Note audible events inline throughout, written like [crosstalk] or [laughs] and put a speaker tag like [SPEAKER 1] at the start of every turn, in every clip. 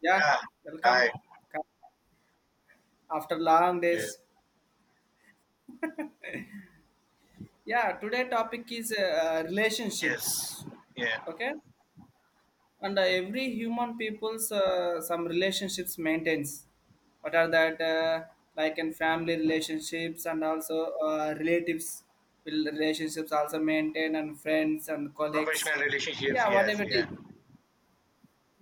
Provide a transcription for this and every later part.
[SPEAKER 1] Yeah,
[SPEAKER 2] Yeah, right.
[SPEAKER 1] welcome. Come after long
[SPEAKER 2] Yeah.
[SPEAKER 1] days. Yeah, today topic is
[SPEAKER 2] Yes.
[SPEAKER 1] relationships.
[SPEAKER 2] Yeah.
[SPEAKER 1] Okay, and every human people's some relationships maintains. What are that like in family relationships and also relatives will relationships also maintain, and friends and colleagues.
[SPEAKER 2] Professional relationships.
[SPEAKER 1] Yeah,
[SPEAKER 2] Yes.
[SPEAKER 1] whatever it is,
[SPEAKER 2] Yeah.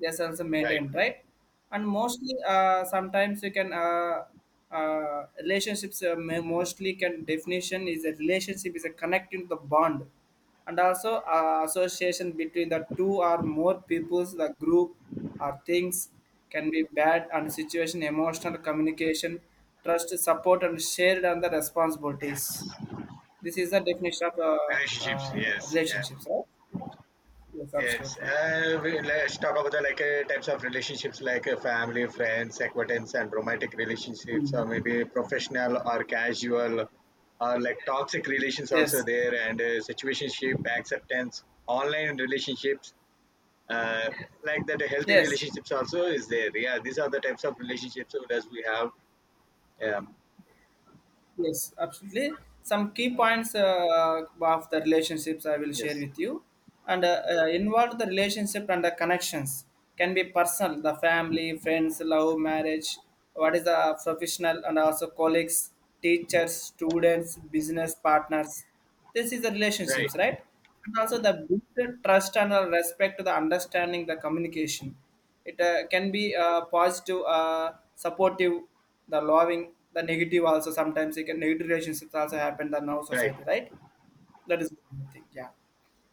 [SPEAKER 1] yes, also
[SPEAKER 2] Right.
[SPEAKER 1] maintained, right. And mostly sometimes you can relationships mostly can definition is, a relationship is a connecting the bond and also association between the two or more peoples, the group or things. Can be bad and situation emotional communication, trust, support, and shared and the responsibilities.
[SPEAKER 2] Yes.
[SPEAKER 1] This is the definition of
[SPEAKER 2] Relationships.
[SPEAKER 1] uh,
[SPEAKER 2] Yes. Yeah.
[SPEAKER 1] relationships, right? Yes,
[SPEAKER 2] Yes.
[SPEAKER 1] absolutely.
[SPEAKER 2] We, let's talk about the types of relationships like family, friends, acquaintance, and romantic relationships,
[SPEAKER 1] Mm.
[SPEAKER 2] or maybe professional or casual, or like toxic relations also
[SPEAKER 1] Yes,
[SPEAKER 2] there, and situationship, acceptance, online relationships. Uh, healthy
[SPEAKER 1] yes.
[SPEAKER 2] relationships also is there. Yeah, these are the types of relationships that we have. Yeah.
[SPEAKER 1] Yes, absolutely. Some key points of the relationships I will
[SPEAKER 2] Yes,
[SPEAKER 1] share with you, and involve the relationship and the connections can be personal, the family, friends, love, marriage. What is the professional and also colleagues, teachers, students, business partners. This is the
[SPEAKER 2] right,
[SPEAKER 1] relationships, right? And also the build the trust and the respect to the understanding, the communication, it can be positive, supportive, the loving, the negative also. Sometimes it can negative relationships also happen in our
[SPEAKER 2] right.
[SPEAKER 1] society, right? That is one thing, yeah.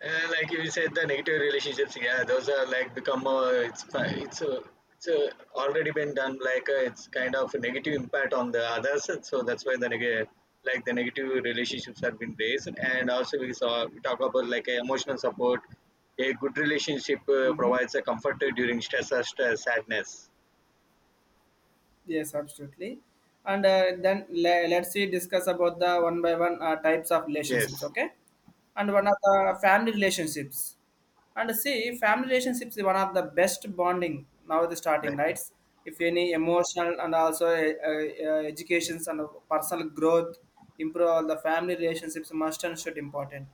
[SPEAKER 2] Like you said, the negative relationships, yeah, those are like become it's fi- it's already been done. It's kind of a negative impact on the others, and so that's why the negative like the negative relationships have been raised. And also we talk about emotional support. A good relationship
[SPEAKER 1] Mm-hmm.
[SPEAKER 2] provides a comfort during stress, sadness.
[SPEAKER 1] Yes, absolutely. And then let's see, discuss about the one by one types of
[SPEAKER 2] Yes,
[SPEAKER 1] relationships, okay, and one of the family relationships. And see, family relationships is one of the best bonding now, the starting
[SPEAKER 2] right.
[SPEAKER 1] rights. If any emotional and also educations and personal growth improve, all the family relationships must and should important.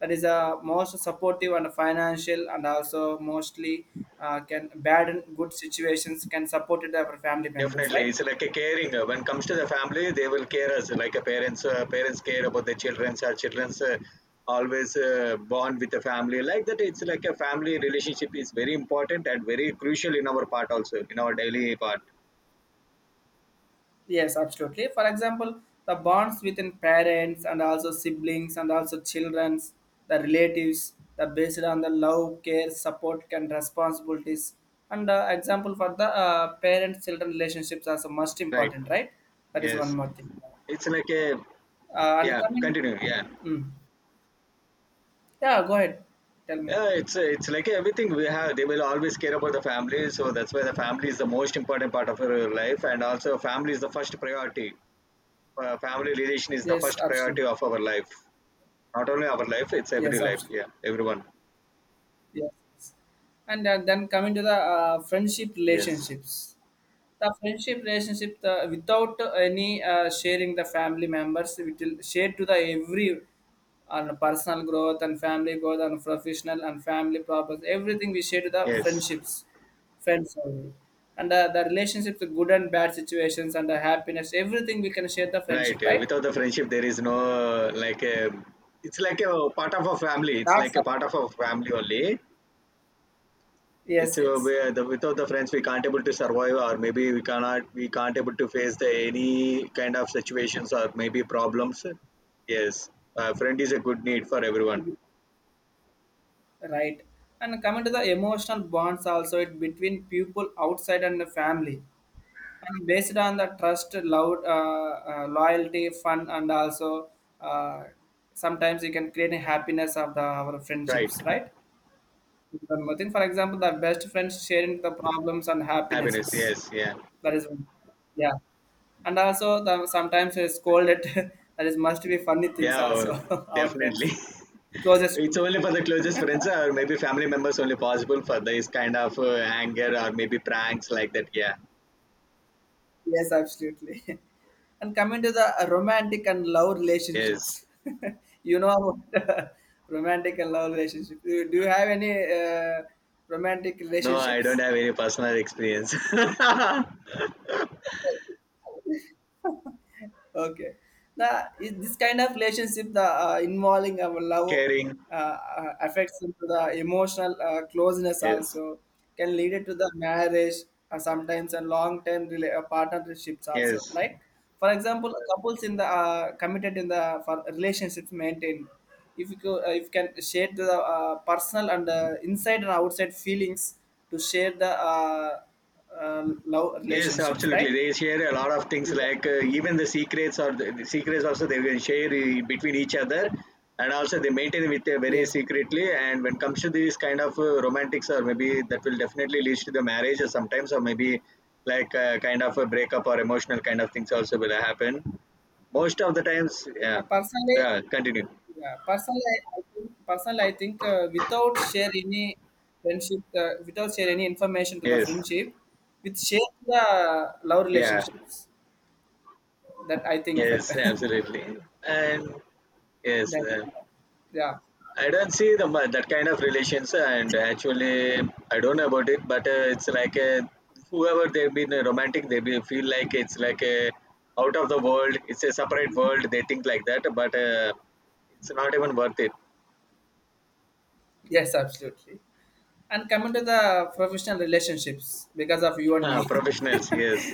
[SPEAKER 1] That is a most supportive and financial, and also mostly can bad and good situations can support it our family members,
[SPEAKER 2] Definitely,
[SPEAKER 1] right?
[SPEAKER 2] it's like a caring. When it comes to the family, they will care us like a parents. Parents care about their children. Our childrens always bond with the family like that. It's like a family relationship is very important and very crucial in our part also in our daily part.
[SPEAKER 1] Yes, absolutely. For example, the bonds within parents and also siblings and also childrens, the relatives, the based on the love, care, support, and responsibilities. And example for the parent-children relationships are the most
[SPEAKER 2] Right.
[SPEAKER 1] important, right? That is one
[SPEAKER 2] Yes.
[SPEAKER 1] more thing.
[SPEAKER 2] It's like a
[SPEAKER 1] And
[SPEAKER 2] yeah.
[SPEAKER 1] coming,
[SPEAKER 2] Continue. Yeah.
[SPEAKER 1] mm, yeah, go ahead, tell me.
[SPEAKER 2] Yeah, it's like everything we have. They will always care about the family, so that's why the family is the most important part of our life, and also family is the first priority. Family relation is the
[SPEAKER 1] Yes,
[SPEAKER 2] first priority
[SPEAKER 1] absolutely.
[SPEAKER 2] of our life, not only our life, it's every
[SPEAKER 1] Yes,
[SPEAKER 2] life,
[SPEAKER 1] absolutely.
[SPEAKER 2] yeah, everyone.
[SPEAKER 1] Yes. And then coming to the friendship
[SPEAKER 2] Yes,
[SPEAKER 1] relationships. The friendship relationship, the, without any sharing the family members, it will share to the every on personal growth and family growth and professional and family problems. Everything we share to the
[SPEAKER 2] yes,
[SPEAKER 1] friendships, friends only. And the relationships, the good and bad situations and the happiness, everything we can share the
[SPEAKER 2] right.
[SPEAKER 1] friendship, right?
[SPEAKER 2] Without the friendship there is no like a, it's like a part of a family, it's
[SPEAKER 1] That's
[SPEAKER 2] like a part of a family only.
[SPEAKER 1] yes,
[SPEAKER 2] It's
[SPEAKER 1] yes.
[SPEAKER 2] Where the, without the friends we can't able to survive, or maybe we cannot, we can't able to face the any kind of situations or maybe problems. Yes, a friend is a good need for everyone.
[SPEAKER 1] Right. And coming to the emotional bonds also it between people outside and the family. And based on the trust, love, loyalty, fun, and also uh, sometimes you can create a happiness of the, our
[SPEAKER 2] Right.
[SPEAKER 1] friendships, right? I think, for example, the best friends sharing the problems and
[SPEAKER 2] Happiness,
[SPEAKER 1] happinesses.
[SPEAKER 2] yes, yeah.
[SPEAKER 1] That is one. Yeah. And also, the, sometimes we scolded. [laughs] That is must be funny things
[SPEAKER 2] Yeah,
[SPEAKER 1] also. [laughs] Our
[SPEAKER 2] definitely.
[SPEAKER 1] friends,
[SPEAKER 2] [laughs]
[SPEAKER 1] closest
[SPEAKER 2] It's
[SPEAKER 1] friends,
[SPEAKER 2] only
[SPEAKER 1] right?
[SPEAKER 2] for the closest friends or maybe family members, only possible for this kind of anger or maybe pranks like that. Yeah.
[SPEAKER 1] Yes, absolutely. [laughs] And coming to the romantic and love
[SPEAKER 2] Yes.
[SPEAKER 1] relationships, [laughs] you know about [laughs] romantic and love relationships. Do you have any uh, romantic
[SPEAKER 2] No, I
[SPEAKER 1] relationships?
[SPEAKER 2] don't have any personal experience. [laughs]
[SPEAKER 1] Okay. Now, is this kind of relationship the involving our love
[SPEAKER 2] Caring.
[SPEAKER 1] affects into the emotional closeness
[SPEAKER 2] Yes.
[SPEAKER 1] also, can lead it to the marriage sometimes, and long term partnerships also.
[SPEAKER 2] Yes.
[SPEAKER 1] Like, for example, couples in the committed in the for relationships maintained. If you co- If can share the personal and inside and outside feelings to share the uh, love
[SPEAKER 2] Yes,
[SPEAKER 1] relationships,
[SPEAKER 2] absolutely.
[SPEAKER 1] right?
[SPEAKER 2] They share a lot of things, like even the secrets or the secrets also they will share between each other, and also they maintain with very
[SPEAKER 1] Yes.
[SPEAKER 2] secretly. And when comes to these kind of romantics, or maybe that will definitely lead to the marriage, or sometimes, or maybe kind of a breakup or emotional kind of things also will happen. Most of the times, yeah,
[SPEAKER 1] Personally,
[SPEAKER 2] yeah. Continue.
[SPEAKER 1] yeah, personally, I think without share any friendship, without share any information to the
[SPEAKER 2] Yes,
[SPEAKER 1] friendship, with share the love
[SPEAKER 2] yeah,
[SPEAKER 1] relationships. That I think felt. [laughs]
[SPEAKER 2] yes,
[SPEAKER 1] That,
[SPEAKER 2] absolutely, and yes.
[SPEAKER 1] uh, yeah,
[SPEAKER 2] I don't see that kind of relations, and actually, I don't know about it, but it's like a, whoever they've been romantic, feel like it's like a out of the world. It's a separate world. They think like that, but it's not even worth it. [laughs]
[SPEAKER 1] yes, absolutely. And coming to the professional relationships because of you and
[SPEAKER 2] Ah,
[SPEAKER 1] me. [laughs]
[SPEAKER 2] professionals, yes,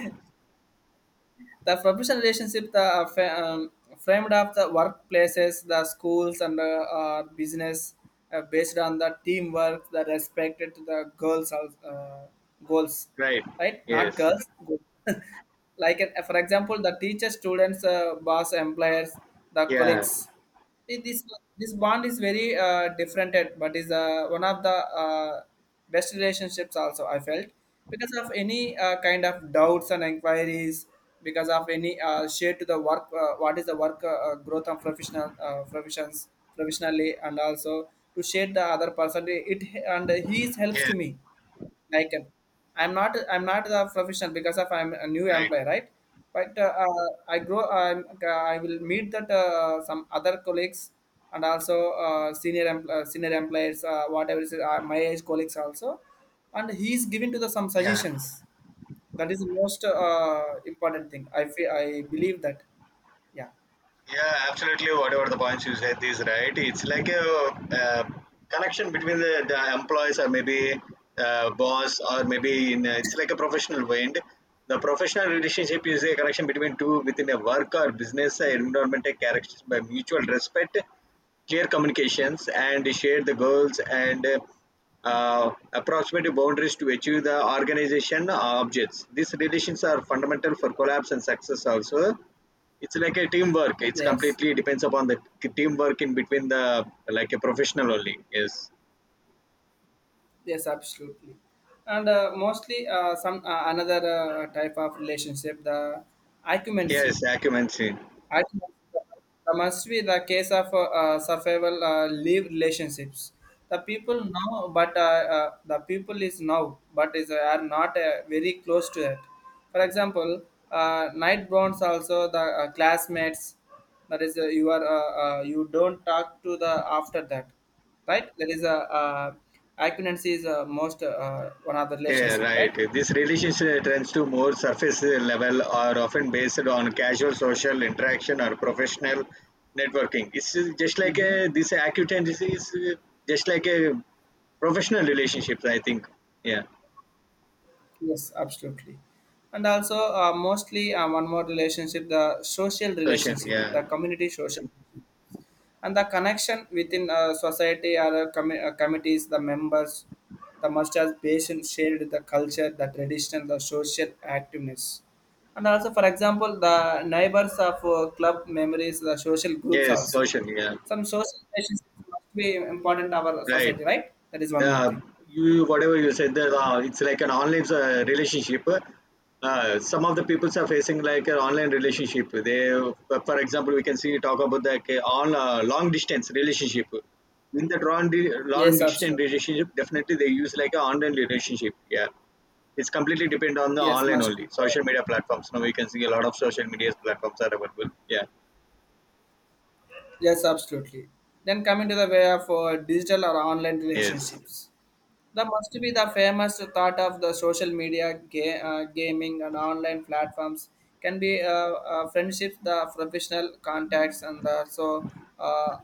[SPEAKER 1] The professional relationship the framed of the workplaces, the schools, and the business based on the teamwork, the respected to the girls, uh, goals,
[SPEAKER 2] right,
[SPEAKER 1] right? Not
[SPEAKER 2] yes,
[SPEAKER 1] girls. Goals. [laughs] Like, for example, the teacher, students, boss, employers, the
[SPEAKER 2] yeah,
[SPEAKER 1] colleagues. See, This bond is very different, and but is one of the uh, best relationships. Also, I felt because of any kind of doubts and inquiries, because of any share to the work, what is the work growth and professional professions professionally, and also to share the other person, it, and he helps
[SPEAKER 2] yes,
[SPEAKER 1] to me. I can, I'm not a professional because of I'm a new
[SPEAKER 2] right,
[SPEAKER 1] employee, right? But I grow I'm, I will meet that some other colleagues and also senior employees, whatever is my age colleagues also, and he's giving to the some
[SPEAKER 2] yeah.
[SPEAKER 1] suggestions. That is the most important thing. I feel, I believe that. Yeah.
[SPEAKER 2] Yeah, absolutely. Whatever the points you said is right. It's like a, uh connection between the employees or maybe boss or maybe in a, it's like a professional wind. The professional relationship is a connection between two within a work or business environment characterized by mutual respect, clear communications, and share the goals and approximate boundaries to achieve the organization objects. These relations are fundamental for collapse and success also, it's like a teamwork. It's
[SPEAKER 1] Yes.
[SPEAKER 2] completely depends upon the teamwork in between the like a professional only. Yes,
[SPEAKER 1] Yes. Absolutely. And mostly some another type of relationship, the acumency,
[SPEAKER 2] yes, occupancy.
[SPEAKER 1] I think, must be the case of survival live relationships. The people now, but the people is now, but is are not very close to it. For example, night bonds also the classmates. That is, you are you don't talk to the after that, right? There is a acquaintance is most one of the
[SPEAKER 2] Yeah,
[SPEAKER 1] relationship,
[SPEAKER 2] right.
[SPEAKER 1] right?
[SPEAKER 2] This relationship tends to more surface level or often based on casual social interaction or professional networking. It's just like
[SPEAKER 1] Mm-hmm.
[SPEAKER 2] a, this acquaintance is just like a professional relationships. I think. Yeah,
[SPEAKER 1] Yes, absolutely. And also, mostly one more relationship, the social
[SPEAKER 2] social.
[SPEAKER 1] relationship,
[SPEAKER 2] Yeah,
[SPEAKER 1] the community social, and the connection within society or committees, the members, the must have patient shared the culture, the tradition, the social activeness. And also, for example, the neighbors of club memories, the social groups
[SPEAKER 2] yes,
[SPEAKER 1] also.
[SPEAKER 2] social. Yeah,
[SPEAKER 1] Some social relationships must be important in our
[SPEAKER 2] right.
[SPEAKER 1] society, right? That is one more
[SPEAKER 2] Yeah,
[SPEAKER 1] thing.
[SPEAKER 2] you whatever you said there, it's like an online relationship. Some of the peoples are facing like an online relationship. For example, we can see talk about the on long distance relationship. In that long
[SPEAKER 1] Yes,
[SPEAKER 2] distance
[SPEAKER 1] absolutely.
[SPEAKER 2] relationship, definitely they use like an online relationship. Yeah, it's completely depend on the
[SPEAKER 1] Yes,
[SPEAKER 2] online
[SPEAKER 1] must
[SPEAKER 2] only
[SPEAKER 1] be.
[SPEAKER 2] social media platforms. Now we can see a lot of social media platforms are available. Yeah,
[SPEAKER 1] Yes, absolutely. Then coming to the way of digital or online
[SPEAKER 2] yes,
[SPEAKER 1] relationships, that must be the famous thought of the social media, gaming, and online platforms. Can be friendships, the professional contacts, and the so, uh,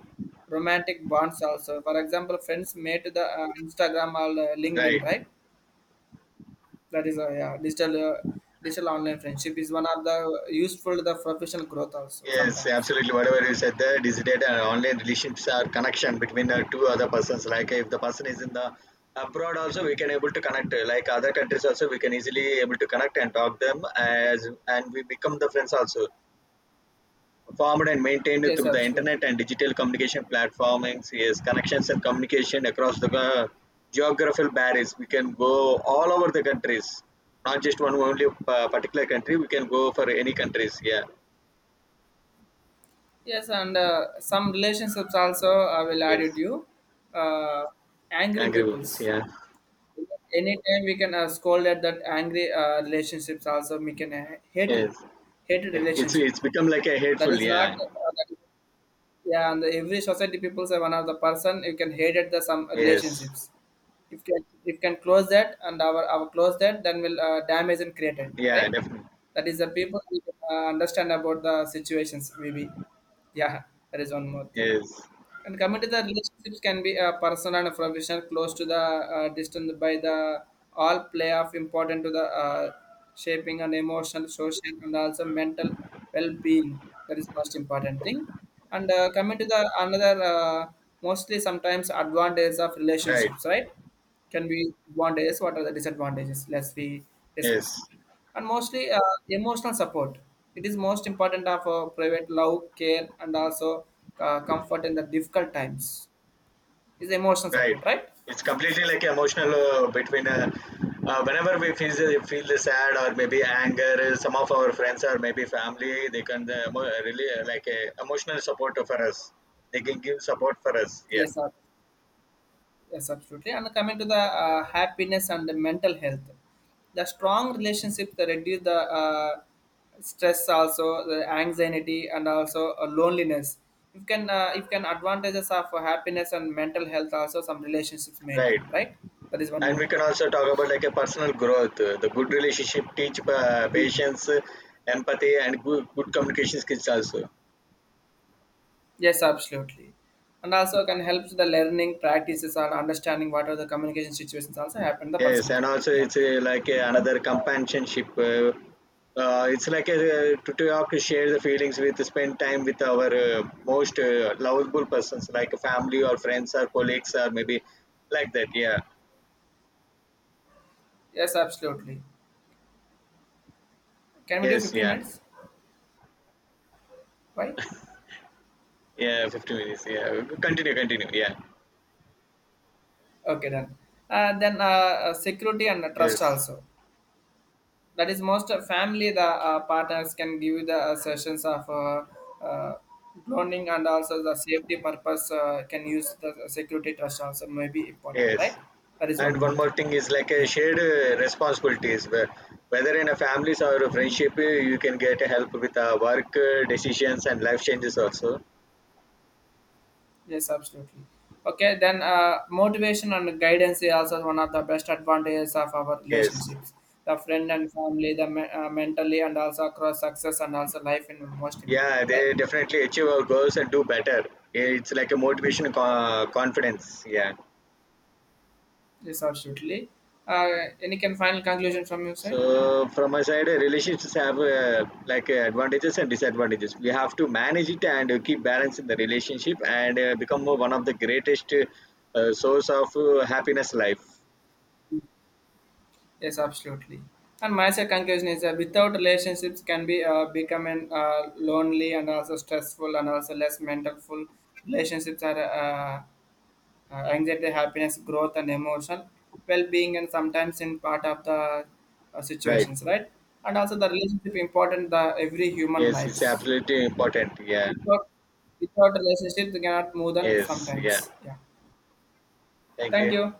[SPEAKER 1] romantic bonds. Also, for example, friends made to the Instagram or
[SPEAKER 2] right.
[SPEAKER 1] LinkedIn, right? That is a yeah, digital online friendship is one of the useful, the professional growth also
[SPEAKER 2] Yes,
[SPEAKER 1] sometimes.
[SPEAKER 2] absolutely. Whatever you said there, digital and online relationships are connection between the two other persons. Like if the person is in the abroad, also we can able to connect. Like other countries, also we can easily able to connect and talk them as and we become the friends also. Formed and maintained
[SPEAKER 1] Yes,
[SPEAKER 2] through the
[SPEAKER 1] absolutely.
[SPEAKER 2] internet and digital communication platforms. Yes, connections and communication across the geographical barriers. We can go all over the countries, not just one only particular country. We can go for any countries. Yeah.
[SPEAKER 1] Yes, and some relationships also I will add
[SPEAKER 2] Yes.
[SPEAKER 1] it you. Uh, Angry
[SPEAKER 2] Agree with this.
[SPEAKER 1] peoples.
[SPEAKER 2] Yeah.
[SPEAKER 1] Anytime we can scold at that angry relationships also we can
[SPEAKER 2] Yes.
[SPEAKER 1] hated
[SPEAKER 2] It's
[SPEAKER 1] relationship.
[SPEAKER 2] it's become like a
[SPEAKER 1] That
[SPEAKER 2] hateful,
[SPEAKER 1] is not.
[SPEAKER 2] yeah.
[SPEAKER 1] Yeah, and every society people say one of the person you can hate at the some
[SPEAKER 2] Yes.
[SPEAKER 1] relationships. If can, if can close that and our close that, then will damage and created,
[SPEAKER 2] Yeah,
[SPEAKER 1] right.
[SPEAKER 2] definitely.
[SPEAKER 1] That is the people understand about the situations maybe. Yeah, that is one more thing.
[SPEAKER 2] Yes.
[SPEAKER 1] And coming to the relationships, can be a personal and professional, close to the distant by the all play of important to the shaping and emotional, social, and also mental well-being. That is the most important thing. And coming to the another, mostly sometimes advantages of
[SPEAKER 2] Right.
[SPEAKER 1] relationships, right? Can be advantages. What are the disadvantages? Let's we
[SPEAKER 2] Yes.
[SPEAKER 1] discuss, and mostly emotional support. It is most important of private love, care, and also comfort in the difficult times. Is emotional
[SPEAKER 2] Right.
[SPEAKER 1] support, right?
[SPEAKER 2] It's completely like emotional between whenever we feel feel the sad or maybe anger, some of our friends or maybe family, they can really like a emotional support for us. They can give support for us. Yeah.
[SPEAKER 1] Yes, sir. Yes, absolutely. And coming to the happiness and the mental health, the strong relationship that reduce the stress, also the anxiety, and also loneliness. You can, you can advantages of happiness and mental health also some relationships
[SPEAKER 2] Right.
[SPEAKER 1] maintained, right? That is one
[SPEAKER 2] And
[SPEAKER 1] more.
[SPEAKER 2] we can also talk about like a personal growth. The good relationship teach patience, empathy, and good communication skills also.
[SPEAKER 1] Yes, absolutely. And also can help the learning practices and understanding what are the communication situations also happen the
[SPEAKER 2] Yes,
[SPEAKER 1] person
[SPEAKER 2] and
[SPEAKER 1] growth.
[SPEAKER 2] also
[SPEAKER 1] Yeah.
[SPEAKER 2] it's
[SPEAKER 1] Then,
[SPEAKER 2] another companionship. It's like a, to talk, share the feelings with, spend time with our most lovable persons, like family or friends or colleagues or maybe like that. Yeah.
[SPEAKER 1] yes, absolutely. Can we do
[SPEAKER 2] Yes.
[SPEAKER 1] 15
[SPEAKER 2] Yeah.
[SPEAKER 1] minutes? Why?
[SPEAKER 2] Yeah. 50 minutes. Yeah. Continue. Continue. Yeah.
[SPEAKER 1] Okay, done. Then Security and trust
[SPEAKER 2] Yes.
[SPEAKER 1] also. That is most family, the partners can give you the sessions of uh, cloning and also the safety purpose can use the security trust also may be important,
[SPEAKER 2] Yes.
[SPEAKER 1] right? That is
[SPEAKER 2] And
[SPEAKER 1] one more
[SPEAKER 2] one more
[SPEAKER 1] thing.
[SPEAKER 2] thing is like a
[SPEAKER 1] Yeah.
[SPEAKER 2] shared responsibilities. Whether in a families or a friendship, you can get help with work decisions and life changes also.
[SPEAKER 1] Yes, absolutely. Okay, then motivation and guidance is also one of the best advantages of our
[SPEAKER 2] Yes.
[SPEAKER 1] relationships. The friend and family, the mentally, and also across success and also life in most
[SPEAKER 2] Yeah,
[SPEAKER 1] important, right?
[SPEAKER 2] they definitely achieve our goals and do better. It's like a motivation, confidence. Yeah.
[SPEAKER 1] Yes, absolutely. Uh, any can final conclusion from your side?
[SPEAKER 2] So from my side, relationships have advantages and disadvantages. We have to manage it and keep balance in the relationship and become one of the greatest source of happiness life.
[SPEAKER 1] Yes, absolutely. And my second conclusion is without relationships can be becoming lonely and also stressful and also less mental full. Relationships are anxiety, happiness, growth, and emotional well-being, and sometimes in part of the
[SPEAKER 2] Right.
[SPEAKER 1] situations, right? And also the relationship important the every human
[SPEAKER 2] Yes, it's
[SPEAKER 1] lives.
[SPEAKER 2] absolutely important. Yeah.
[SPEAKER 1] Without without relationship, they cannot move on
[SPEAKER 2] Yes. Yeah.
[SPEAKER 1] sometimes. Yeah.
[SPEAKER 2] Thank
[SPEAKER 1] Thank
[SPEAKER 2] you.
[SPEAKER 1] you.